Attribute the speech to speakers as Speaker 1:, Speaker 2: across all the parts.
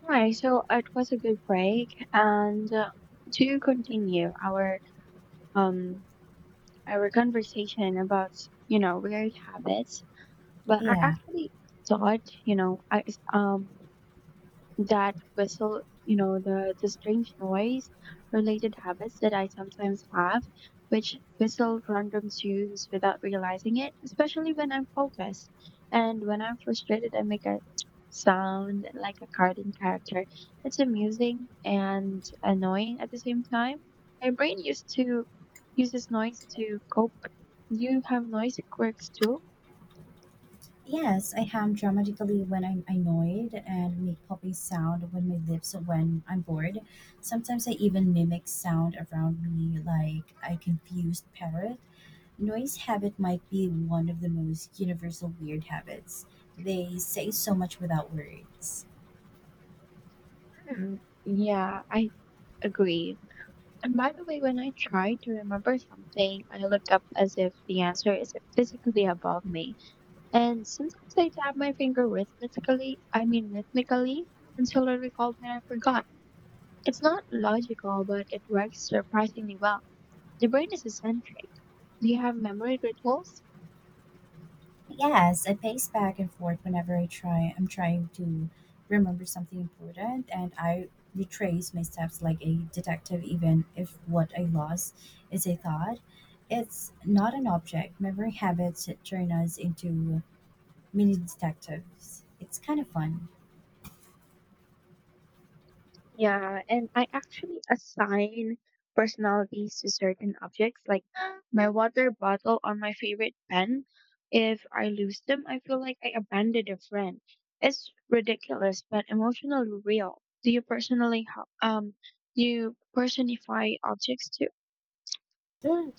Speaker 1: Right, so it was a good break, and to continue um our conversation about weird habits. But I
Speaker 2: Yeah.
Speaker 1: actually thought you know I um that whistle, the strange noise related habits that I sometimes have, which whistle random tunes without realizing it, especially when I'm focused. And when I'm frustrated, I make a sound like a cartoon character. It's amusing and annoying at the same time. My brain used to uses noise to cope. You have noise quirks too?
Speaker 2: Yes, I ham dramatically when I'm annoyed and make popping sound with my lips when I'm bored. Sometimes I even mimic sound around me like a confused parrot. Noise habit might be one of the most universal weird habits. They say so much without words.
Speaker 1: Mhm. Yeah, I agree. And by the way, when I try to remember something, I look up as if the answer is physically above me. And sometimes I tap my finger rhythmically, I mean rhythmically, until I recall that I forgot. It's not logical, but it works surprisingly well. The brain is eccentric. Do you have memory rituals?
Speaker 2: Yes, I pace back and forth whenever I try. I'm trying to remember something important, and I retrace my steps like a detective, even if what I lost is a thought. It's not an object. Memory habits turn us into mini detectives. It's kind of fun.
Speaker 1: Yeah, and I actually assign personalities to certain objects, like my water bottle or my favorite pen. If I lose them, I feel like I abandoned a friend. It's ridiculous, but emotionally real. Do you personify objects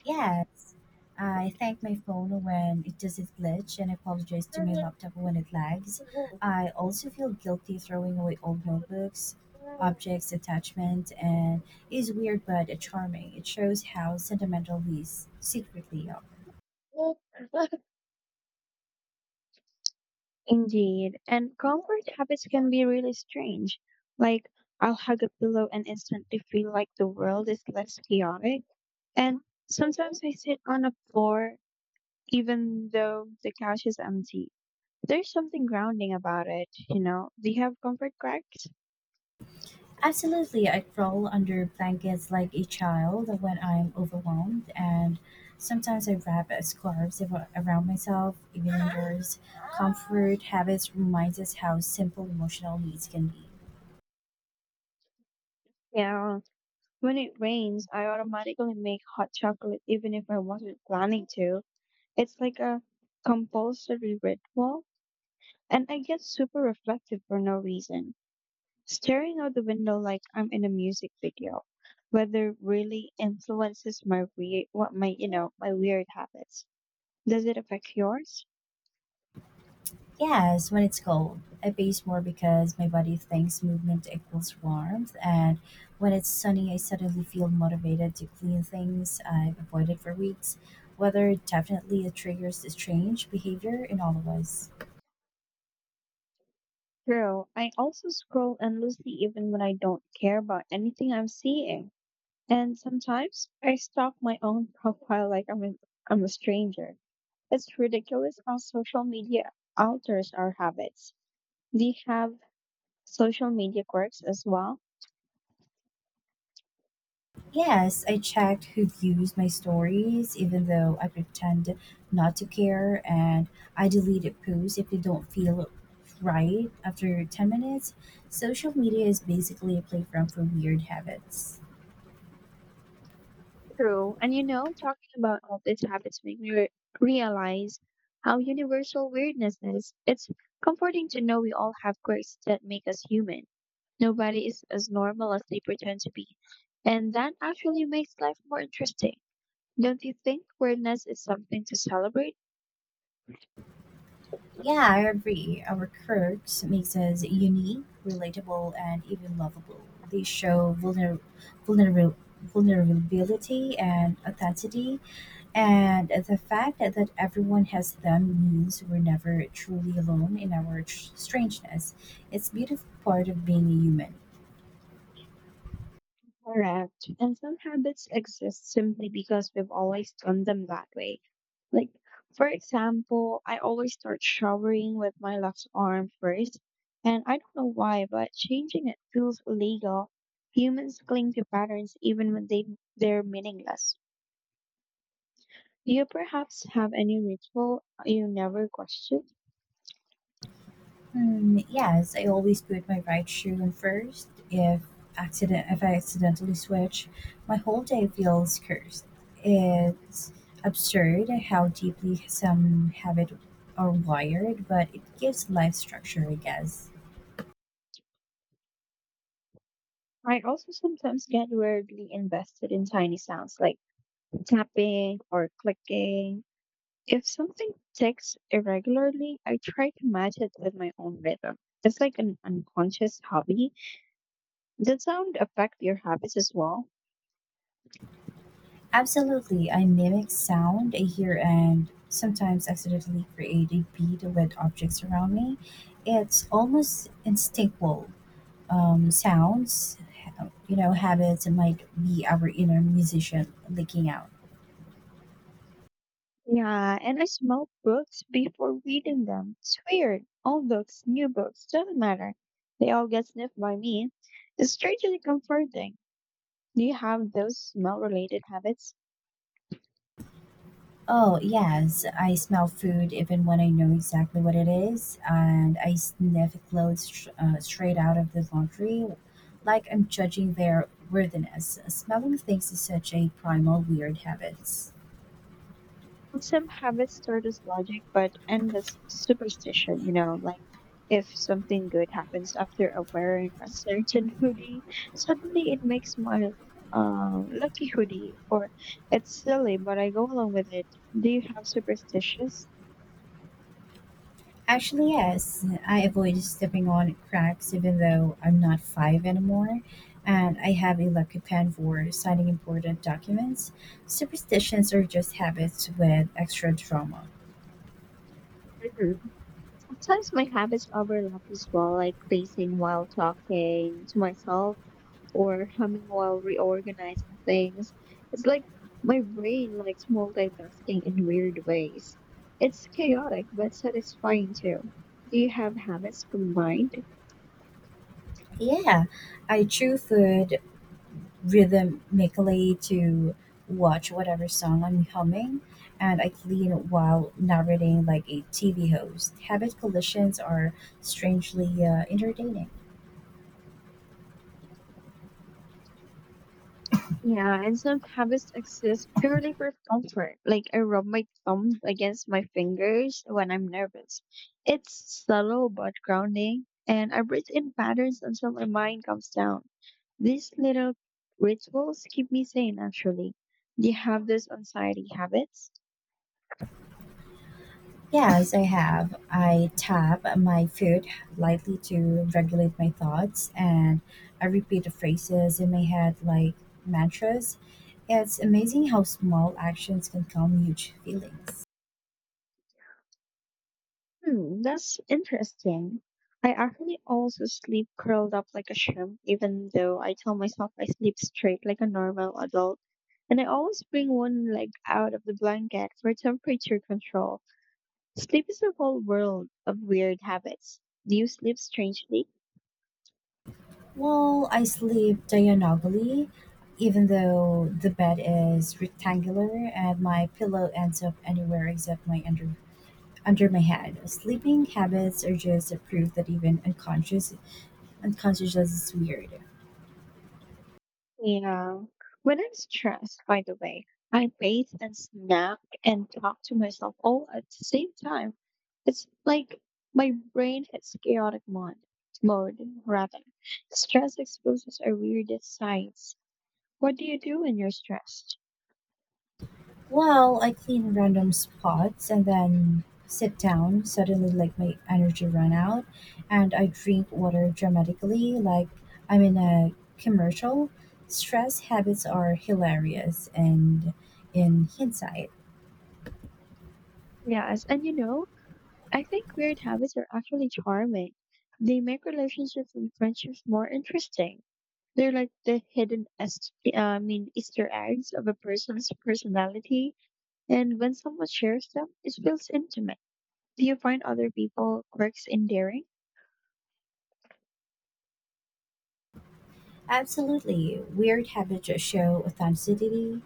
Speaker 2: Yes, I thank my phone when it does its glitch and apologize to my
Speaker 1: too?
Speaker 2: laptop when it lags. I also feel guilty throwing away old notebooks, objects, attachment, and it's weird but charming. It shows how sentimental we secretly are.
Speaker 1: Indeed, and comfort habits can be really strange. Like, I'll hug a pillow and instantly feel like the world is less chaotic. And sometimes I sit on a floor even though the couch is empty. There's something grounding about it, you know? Do you have comfort cracks?
Speaker 2: Absolutely, I crawl under blankets like a child when I'm overwhelmed, and sometimes I wrap scarves around myself. Even indoors, comfort habits remind us how simple emotional needs can be.
Speaker 1: Yeah. When it rains, I automatically make hot chocolate even if I wasn't planning to. It's like a compulsory ritual, and I get super reflective for no reason. Staring out the window like I'm in a music video. Weather really influences my weird habits. Does it affect yours?
Speaker 2: Yes, when it's cold, I base more because my body thinks movement equals warmth, and when it's sunny, I suddenly feel motivated to clean things I've avoided for weeks. Weather definitely triggers this strange behavior in all of us.
Speaker 1: True. I also scroll endlessly even when I don't care about anything I'm seeing. And sometimes I stalk my own profile like I'm a stranger. It's ridiculous how social media alters our habits. Do you have social media quirks as well?
Speaker 2: Yes, I checked who views my stories, even though I pretend not to care, and I deleted posts if they don't feel right after 10 minutes. Social media is basically a playground for weird habits.
Speaker 1: True. And talking about all these habits make me realize how universal weirdness is. It's comforting to know we all have quirks that make us human. Nobody is as normal as they pretend to be. And that actually makes life more interesting. Don't you think weirdness is something to celebrate?
Speaker 2: Yeah, I agree. Our quirks makes us unique, relatable, and even lovable. They show vulner- vulnerability and authenticity, and the fact that everyone has them means we're never truly alone in our strangeness. It's beautiful part of being a human.
Speaker 1: Correct. And some habits exist simply because we've always done them that way. Like, for example, I always start showering with my left arm first, and I don't know why, but changing it feels illegal. Humans cling to patterns even when they're meaningless. Do you perhaps have any ritual you never question?
Speaker 2: Hmm, yes, I always put my right shoe on first. If I accidentally switch, my whole day feels cursed. It's absurd how deeply some habit are wired, but it gives life structure, I guess.
Speaker 1: I also sometimes get weirdly invested in tiny sounds like tapping or clicking. If something ticks irregularly, I try to match it with my own rhythm. It's like an unconscious hobby. Does sound affect your habits as well?
Speaker 2: Absolutely, I mimic sound I hear and sometimes accidentally create a beat with objects around me. It's almost instinctual. Sounds, habits might be our inner musician leaking out.
Speaker 1: Yeah, and I smell books before reading them. It's weird. Old books, new books, doesn't matter. They all get sniffed by me. It's strangely comforting. Do you have those smell related habits?
Speaker 2: Oh, yes, I smell food even when I know exactly what it is, and I sniff clothes straight out of the laundry like I'm judging their worthiness. Smelling things is such a primal, weird habit.
Speaker 1: Some habits start as logic but end as superstition, like if something good happens after a wearing a certain hoodie, suddenly it makes my lucky hoodie or it's silly but I go along with it. Do you have superstitious?
Speaker 2: Actually, yes. I avoid stepping on cracks even though I'm not five anymore, and I have a lucky pen for signing important documents. Superstitions are just habits with extra drama.
Speaker 1: Mhm. Sometimes my habits overlap as well, like pacing while talking to myself or humming while reorganizing things. It's like my brain likes multitasking in weird ways. It's chaotic but satisfying too. Do you have habits combined?
Speaker 2: Yeah, I chew food rhythmically to watch whatever song I'm humming, and I clean while narrating like a TV host. Habit collisions are strangely entertaining.
Speaker 1: Yeah, and some habits exist purely for comfort. Like I rub my thumbs against my fingers when I'm nervous. It's subtle but grounding, and I breathe in patterns until my mind calms down. These little rituals keep me sane, actually. Do you have those anxiety habits?
Speaker 2: Yes, I have. I tap my foot lightly to regulate my thoughts, and I repeat the phrases in my head like mantras. It's amazing how small actions can calm huge feelings.
Speaker 1: Hmm, that's interesting. I actually also sleep curled up like a shrimp, even though I tell myself I sleep straight like a normal adult. And I always bring one leg out of the blanket for temperature control. Sleep is a whole world of weird habits. Do you sleep strangely?
Speaker 2: Well, I sleep diagonally, even though the bed is rectangular and my pillow ends up anywhere except my under my head. Sleeping habits are just a proof that even unconscious is weird.
Speaker 1: Yeah. When I'm stressed, by the way, I bathe and snack and talk to myself all at the same time. It's like my brain hits chaotic mode, rather. Stress exposes our weirdest sides. What do you do when you're stressed?
Speaker 2: Well, I clean random spots and then sit down. Suddenly, like my energy ran out, and I drink water dramatically, like I'm in a commercial. Stress habits are hilarious, and in hindsight,
Speaker 1: Yes, and I think weird habits are actually charming. They make relationships and friendships more interesting. They're like the hidden, I mean, Easter eggs of a person's personality. And when someone shares them, it feels intimate. Do you find other people quirks endearing?
Speaker 2: absolutely weird habits show authenticity.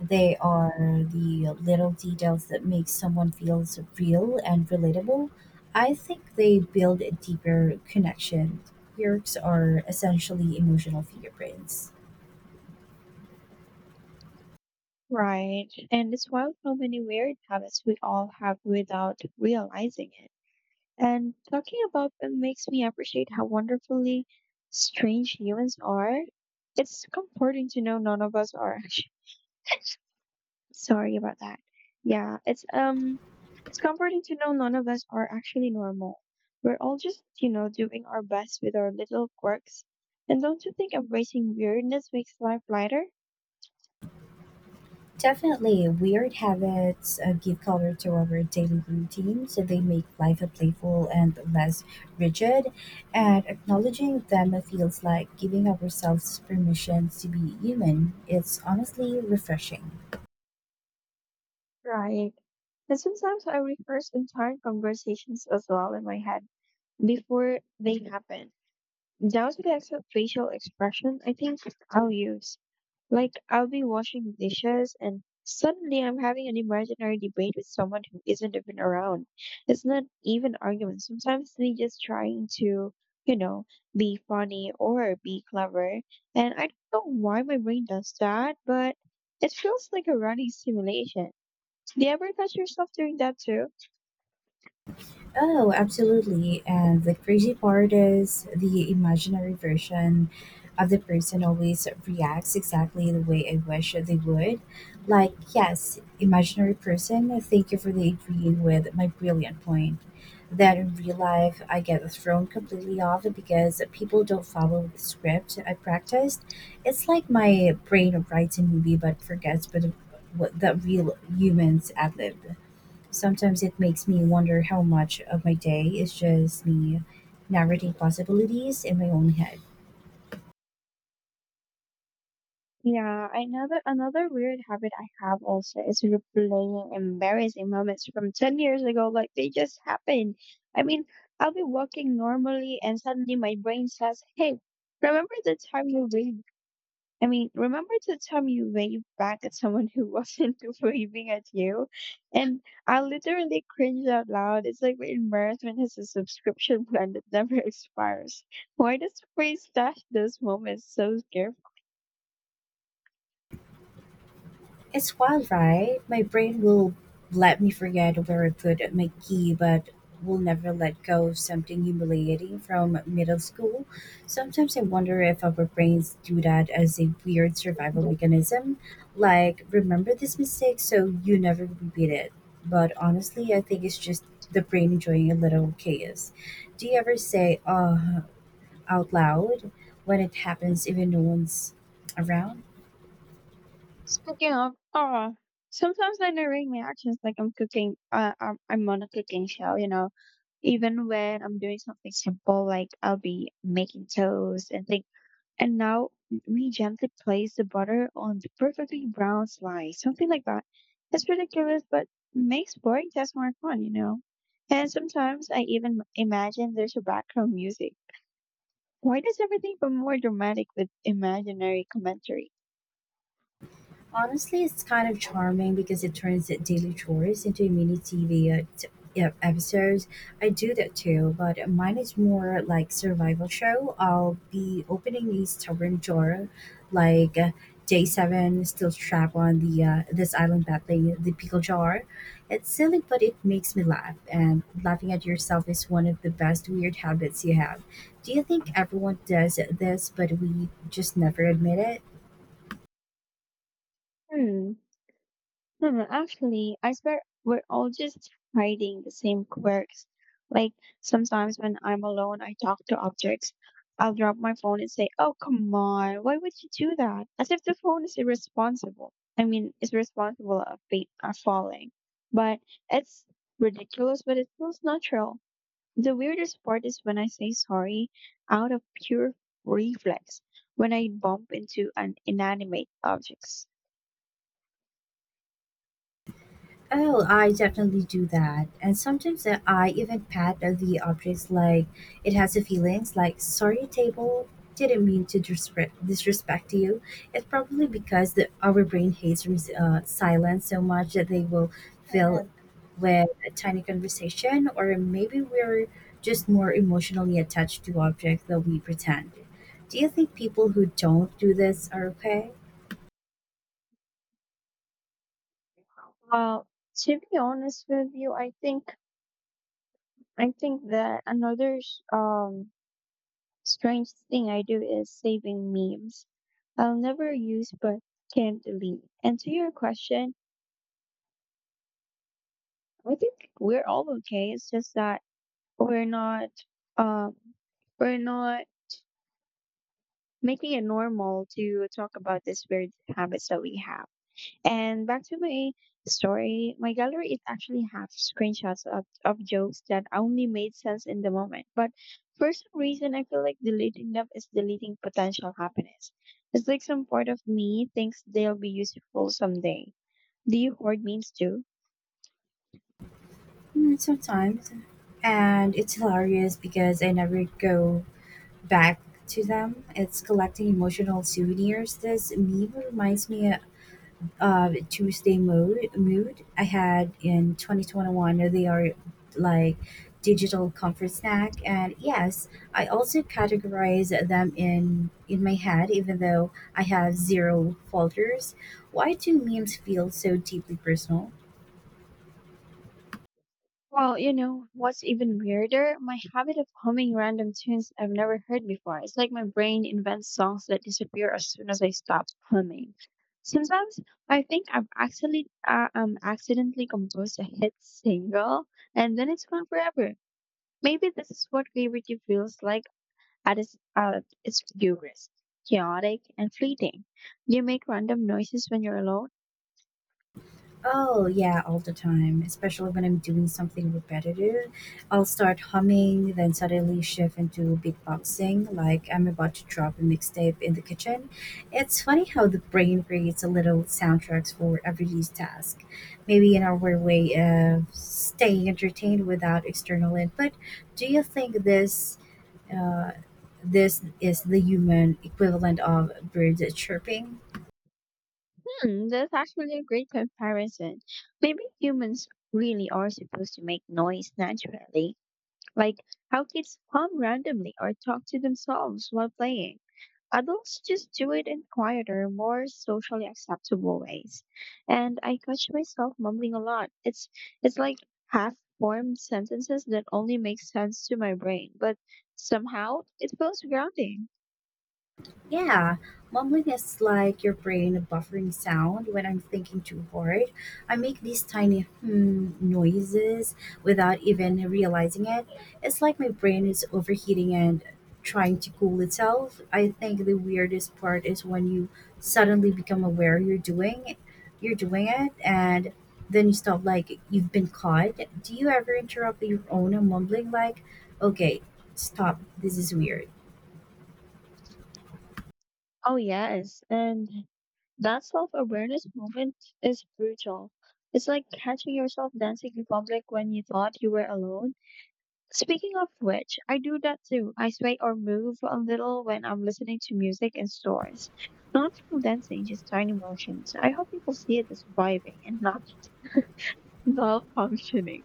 Speaker 2: They are the little details that make someone feels real and relatable. I think they build a deeper connection. Quirks are essentially emotional fingerprints.
Speaker 1: Right. And it's wild how many weird habits we all have without realizing it. And talking about them makes me appreciate how wonderfully strange humans are. It's comforting to know none of us are. Sorry about that. Yeah, it's comforting to know none of us are actually normal. We're all just, doing our best with our little quirks. And don't you think embracing weirdness makes life lighter?
Speaker 2: Definitely, weird habits give color to our daily routine, so they make life playful and less rigid. And acknowledging them feels like giving ourselves permission to be human. It's honestly refreshing.
Speaker 1: Right. And sometimes I rehearse entire conversations as well in my head before they happen, down to the actual facial expression I think I'll use. Like, I'll be washing dishes and suddenly I'm having an imaginary debate with someone who isn't even around. It's not even argument. Sometimes me just trying to, you know, be funny or be clever. And I don't know why my brain does that, but it feels like a running simulation. Do you ever catch yourself doing that too?
Speaker 2: Oh, absolutely. And the crazy part is the imaginary version of the person always reacts exactly the way I wish they would. Like, yes, imaginary person, thank you for the agreeing with my brilliant point. Then in real life, I get thrown completely off because people don't follow the script I practiced. It's like my brain writes a movie but forgets but what the real humans ad lib. Sometimes it makes me wonder how much of my day is just me narrating possibilities in my own head.
Speaker 1: Yeah, another weird habit I have also is replaying embarrassing moments from 10 years ago, like they just happened. I mean, I'll be walking normally and suddenly my brain says, "Hey, remember the time you really I mean, remember the time you waved back at someone who wasn't waving at you?" And I literally cringed out loud. It's like embarrassment has a subscription plan that never expires. Why does fate stash those moments so carefully?
Speaker 2: It's wild, right? My brain will let me forget where I put my key, but will never let go of something humiliating from middle school. Sometimes I wonder if our brains do that as a weird survival mechanism. Like, remember this mistake so you never repeat it. But honestly, I think it's just the brain enjoying a little chaos. Do you ever say, out loud when it happens, even no one's around?
Speaker 1: Speaking of, oh, sometimes I narrate my actions like I'm on a cooking show, even when I'm doing something simple, like I'll be making toast and think. And now we gently place the butter on the perfectly brown slice, something like that. It's ridiculous, but makes boring tests more fun, you know? And sometimes I even imagine there's a background music. Why does everything feel more dramatic with imaginary commentary?
Speaker 2: Honestly, it's kind of charming because it turns the daily chores into mini TV yeah, episodes. I do that too, but mine is more like survival show. I'll be opening a stubborn drawer, like day seven, still trapped on the this island battling the pickle jar. It's silly, but it makes me laugh, and laughing at yourself is one of the best weird habits you have. Do you think everyone does this, but we just never admit it?
Speaker 1: Hmm. No, no, actually, I swear we're all just hiding the same quirks. Like sometimes when I'm alone, I talk to objects. I'll drop my phone and say, "Oh, come on, why would you do that?" As if the phone is irresponsible. I mean, it's responsible of falling, but it's ridiculous, but it feels natural. The weirdest part is when I say sorry out of pure reflex when I bump into an inanimate objects.
Speaker 2: Oh, I definitely do that. And sometimes I even pat the objects like it has a feelings like, sorry, table, didn't mean to disrespect you. It's probably because the, our brain hates silence so much that they will fill with a tiny conversation, or maybe we're just more emotionally attached to objects than we pretend. Do you think people who don't do this are okay?
Speaker 1: Well, to be honest with you, I think that another strange thing I do is saving memes. I'll never use but can delete. And to your question, I think we're all okay. It's just that we're not um we're not making it normal to talk about these weird habits that we have. And back to my story, my gallery is actually half screenshots of jokes that only made sense in the moment. But for some reason, I feel like deleting them is deleting potential happiness. It's like some part of me thinks they'll be useful someday. Do you hoard memes too?
Speaker 2: Mm, sometimes, and it's hilarious because I never go back to them. It's collecting emotional souvenirs. This meme reminds me of Tuesday mood I had in 2021. They are like digital comfort snack, and yes, I also categorize them in my head, even though I have zero folders. Why do memes feel so deeply personal?
Speaker 1: Well, what's even weirder? My habit of humming random tunes I've never heard before. It's like my brain invents songs that disappear as soon as I stop humming. Sometimes I think I've actually accidentally composed a hit single, and then it's gone forever. Maybe this is what creativity feels like at its purest, chaotic and fleeting. You make random noises when you're alone?
Speaker 2: Oh, yeah, all the time, especially when I'm doing something repetitive. I'll start humming, then suddenly shift into beatboxing, like I'm about to drop a mixtape in the kitchen. It's funny how the brain creates a little soundtracks for every task. Maybe in our way of staying entertained without external input. Do you think this is the human equivalent of birds chirping?
Speaker 1: Hmm, that's actually a great comparison. Maybe humans really are supposed to make noise naturally, like how kids hum randomly or talk to themselves while playing. Adults just do it in quieter, more socially acceptable ways. And I catch myself mumbling a lot. It's like half-formed sentences that only make sense to my brain, but somehow it feels grounding.
Speaker 2: Yeah, mumbling is like your brain buffering sound when I'm thinking too hard. I make these tiny hmm noises without even realizing it. It's like my brain is overheating and trying to cool itself. I think the weirdest part is when you suddenly become aware you're doing it and then you stop like you've been caught. Do you ever interrupt your own mumbling like, okay, stop, this is weird?
Speaker 1: Oh yes, and that self awareness moment is brutal. It's like catching yourself dancing in public when you thought you were alone. Speaking of which, I do that too. I sway or move a little when I'm listening to music in stores. Not from dancing, just tiny motions. I hope people see it as vibing and not malfunctioning.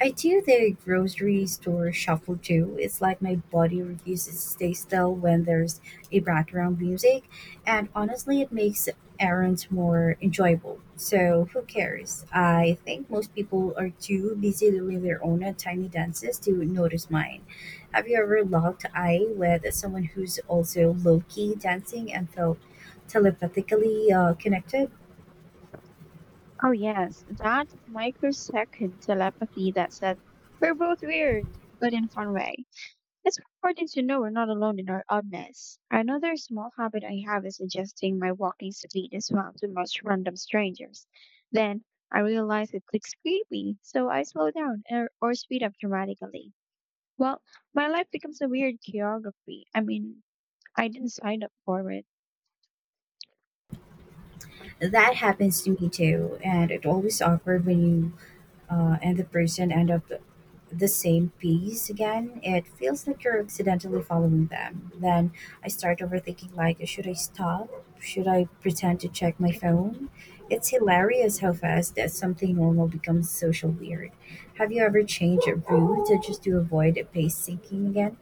Speaker 2: I do the grocery store shuffle too. It's like my body refuses to stay still when there's a background music, and honestly, it makes errands more enjoyable. So, who cares? I think most people are too busy doing their own tiny dances to notice mine. Have you ever locked eye with someone who's also low key dancing and felt telepathically connected?
Speaker 1: Oh, yes, that microsecond telepathy that said, we're both weird, but in a fun way. It's comforting to know we're not alone in our oddness. Another small habit I have is suggesting my walking speed is well to most random strangers. Then I realize it looks creepy, so I slow down or speed up dramatically. Well, my life becomes a weird choreography. I didn't sign up for it.
Speaker 2: That happens to me too, and it's always awkward when you and the person end up the same piece again, it feels like you're accidentally following them. Then I start overthinking like, should I stop? Should I pretend to check my phone? It's hilarious how fast that something normal becomes social weird. Have you ever changed a route just to avoid a pace sinking again?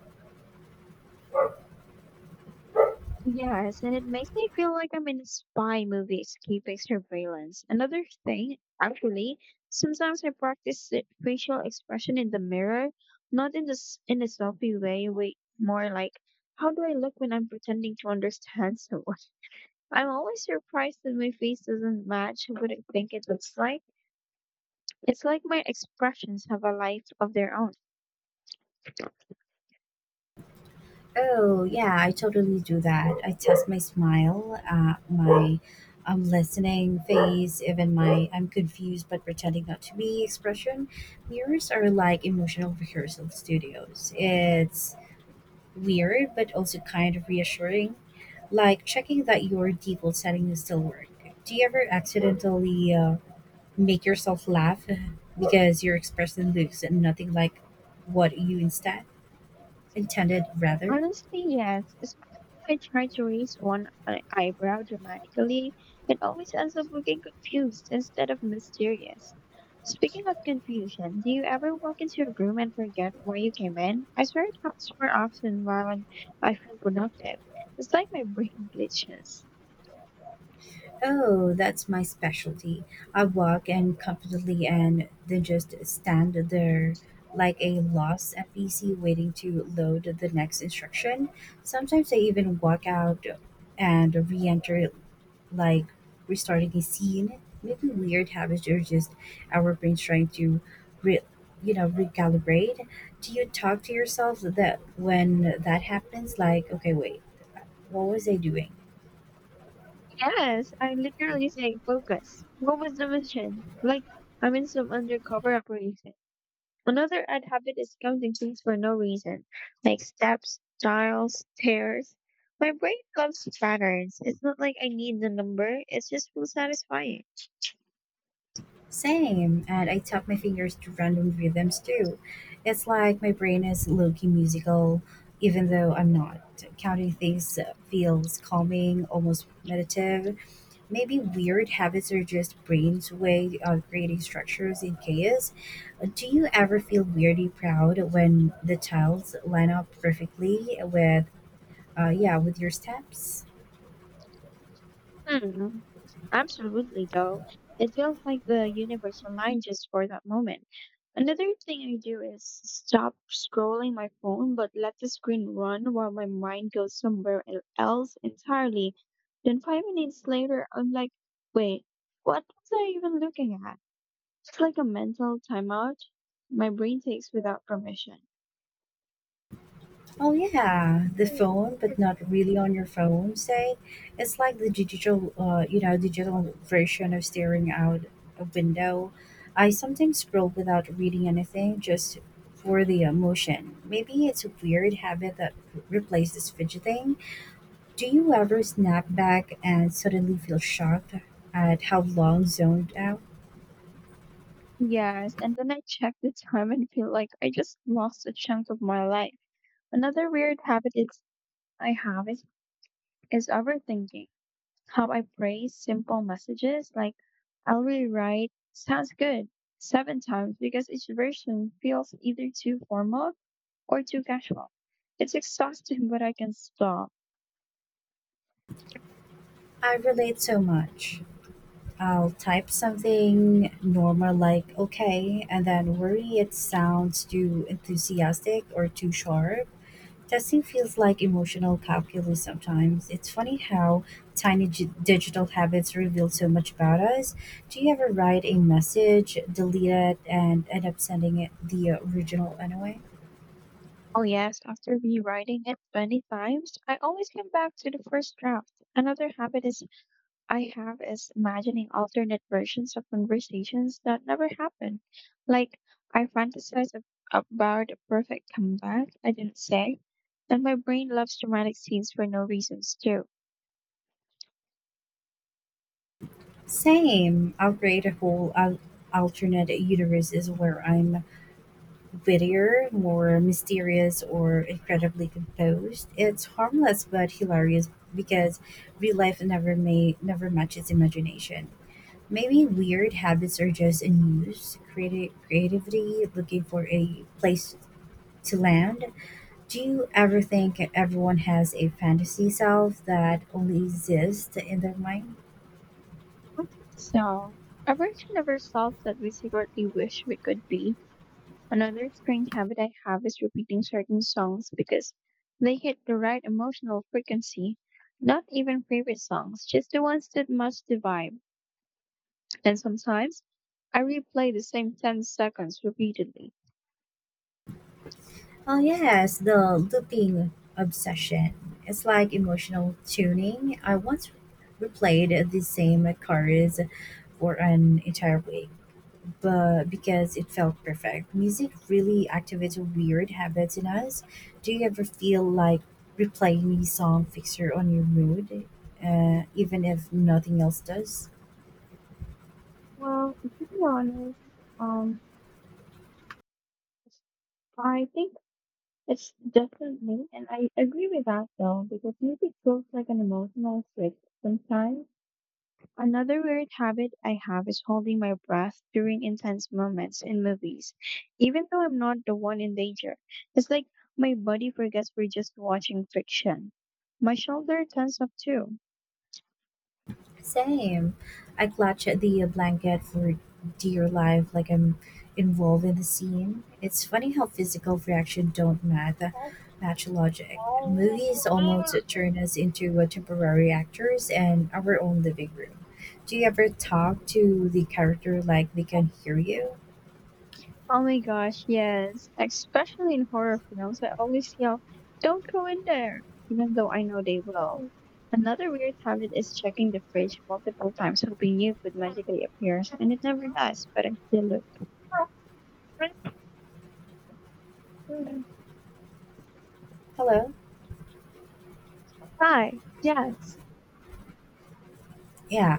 Speaker 1: Yes, and it makes me feel like I'm in a spy movie escaping surveillance. Another thing, actually, sometimes I practice the facial expression in the mirror, not in this in a selfie way, way more like how do I look when I'm pretending to understand someone? I'm always surprised that my face doesn't match what I think it looks like. It's like my expressions have a life of their own.
Speaker 2: Oh, yeah, I totally do that. I test my smile, my I'm listening face, even my I'm confused but pretending not to be expression. Mirrors are like emotional rehearsal studios. It's weird but also kind of reassuring, like checking that your default setting is still working. Do you ever accidentally make yourself laugh because your expression looks nothing like what you instead intended rather?
Speaker 1: Honestly, yes. Especially if I try to raise eyebrow dramatically, it always ends up looking confused instead of mysterious. Speaking of confusion, do you ever walk into a room and forget why you came in? I swear it happens more often I feel productive. It's like my brain glitches.
Speaker 2: Oh, that's my specialty. I walk in confidently and then just stand there like a lost NPC waiting to load the next instruction. Sometimes I even walk out and re enter, like restarting a scene. Maybe weird habits are just our brains trying to re- you know recalibrate. Do you talk to yourself that when that happens like, okay, wait, what was I doing?
Speaker 1: Yes, I literally say focus. What was the mission? Like I'm in some undercover operation. Another odd habit is counting things for no reason, like steps, dials, tears. My brain loves patterns. It's not like I need the number, it just feels satisfying.
Speaker 2: Same, and I tap my fingers to random rhythms too. It's like my brain is low key musical, even though I'm not. Counting things feels calming, almost meditative. Maybe weird habits are just brain's way of creating structures in chaos. Do you ever feel weirdly proud when the tiles line up perfectly with, yeah, with your steps?
Speaker 1: Hmm, absolutely, though. It feels like the universe aligned just for that moment. Another thing I do is stop scrolling my phone but let the screen run while my mind goes else entirely. Then 5 minutes later, I'm like, wait, what was I even looking at? It's like a mental timeout my brain takes without permission.
Speaker 2: Oh yeah, the phone, but not really on your phone. Say, it's like the digital version of staring out a window. I sometimes scroll without reading anything, just for the emotion. Maybe it's a weird habit that replaces fidgeting. Do you ever snap back and suddenly feel shocked at how long zoned out?
Speaker 1: Yes, and then I check the time and feel like I just lost a chunk of my life. Another weird habit is I have is overthinking. How I phrase simple messages like I'll rewrite sounds good seven times because each version feels either too formal or too casual. It's exhausting, but I can stop.
Speaker 2: I relate so much. I'll type something normal like okay and then worry it sounds too enthusiastic or too sharp. Testing feels like emotional calculus sometimes. It's funny how tiny digital habits reveal so much about us. Do you ever write a message, delete it, and end up sending it the original anyway?
Speaker 1: Oh, yes, after rewriting it many times, I always come back to the first draft. Another habit is I have is imagining alternate versions of conversations that never happen. Like I about a perfect comeback I didn't say, and my brain loves dramatic scenes for no reasons too.
Speaker 2: Same. I'll create a whole alternate universe is where I'm wittier, more mysterious or incredibly composed, it's harmless but hilarious because real life never may never matches imagination. Maybe weird habits are just in use. Creativity looking for a place to land. Do you ever think everyone has a fantasy self that only exists in their mind?
Speaker 1: So, a version of ourselves that we secretly wish we could be. Another strange habit I have is repeating certain songs because they hit the right emotional frequency. Not even favorite songs, just the ones that match the vibe. And sometimes I replay the same 10 seconds repeatedly.
Speaker 2: Oh yes, the looping obsession. It's like emotional tuning. I once replayed the same chorus for an entire week, but because it felt perfect. Music really activates weird habits in us. Do you ever feel like replaying a song fixer on your mood, even if nothing else does?
Speaker 1: Well, to be honest, um, I think it's definitely, and I agree with that though, because music feels like an emotional trick sometimes. Another weird habit I have is holding my breath during intense moments in movies, even though I'm not the one in danger. It's like my body forgets we're just watching fiction. My shoulder tenses up too.
Speaker 2: Same. I clutch at the blanket for dear life, like I'm involved in the scene. It's funny how physical reaction don't math match logic.
Speaker 1: Oh
Speaker 2: Movies almost turn us into temporary actors in our own living room. Do you ever talk to the character like they can hear you?
Speaker 1: my gosh, yes. Especially in horror films, I always yell, don't go in there, even though I know they will. Another weird habit is checking the fridge multiple times, hoping new food magically appears, and it never does, but I still look. Mm.
Speaker 2: Hello?
Speaker 1: Hi, yes,
Speaker 2: Yeah.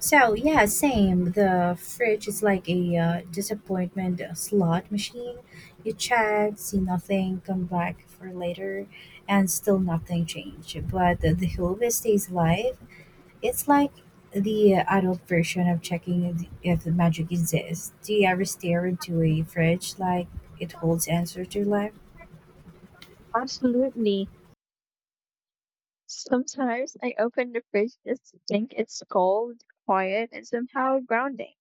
Speaker 2: So yeah, same. The fridge is like a disappointment slot machine. You check, see nothing, come back for later, and still nothing changed. But the Hilve stays alive. It's like the adult version of checking if the magic exists. Do you ever stare into a fridge like it holds answer to life?
Speaker 1: absolutely. Sometimes I open the fridge just to think it's cold, quiet, and somehow grounding.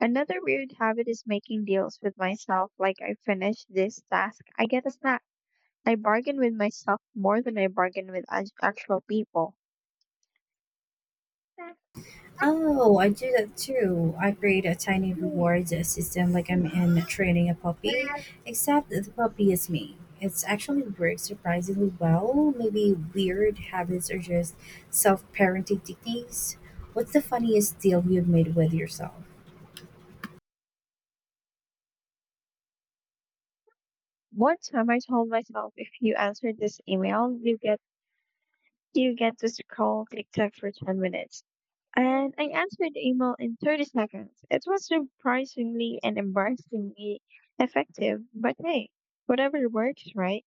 Speaker 1: Another weird habit is making deals with myself like I finish this task, I get a snack. I bargain with myself more than I bargain with actual people.
Speaker 2: Oh, I do that too. I create a tiny reward system like I'm in training a puppy, except that the puppy is me. It's actually works surprisingly well. Maybe weird habits are just self parenting techniques. What's the funniest deal you've made with yourself?
Speaker 1: One time I told myself if you answer this email, you get to scroll TikTok for 10 minutes. And I answered the email in 30 seconds. It was surprisingly and embarrassingly effective, but hey, whatever works, right?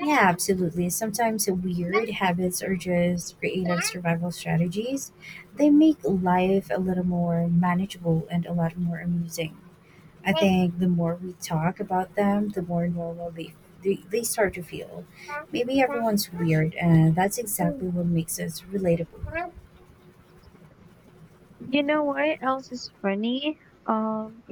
Speaker 2: Yeah, absolutely. Sometimes weird habits are just creative survival strategies. They make life a little more manageable and a lot more amusing. I think the more we talk about them, the more normal they start to feel. Maybe everyone's weird, and that's exactly what makes us relatable.
Speaker 1: You know what else is funny?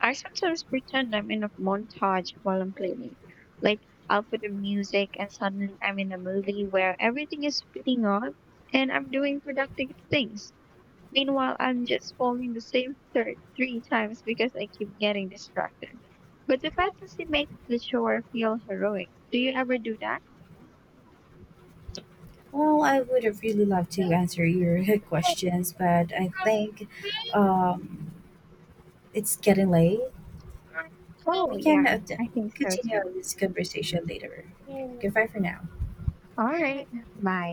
Speaker 1: I sometimes pretend I'm in a montage while I'm cleaning. Like, I'll put the music and suddenly I'm in a movie where everything is speeding up and I'm doing productive things. Meanwhile, I'm just following the same thread three times because I keep getting distracted. But the fantasy makes the chore feel heroic. Do you ever do that?
Speaker 2: Well, I would have really loved to answer your questions, but I think um, it's getting late.
Speaker 1: Oh,
Speaker 2: We can
Speaker 1: yeah, I think so
Speaker 2: continue
Speaker 1: too.
Speaker 2: this conversation later. Okay, goodbye for now.
Speaker 1: All right, bye.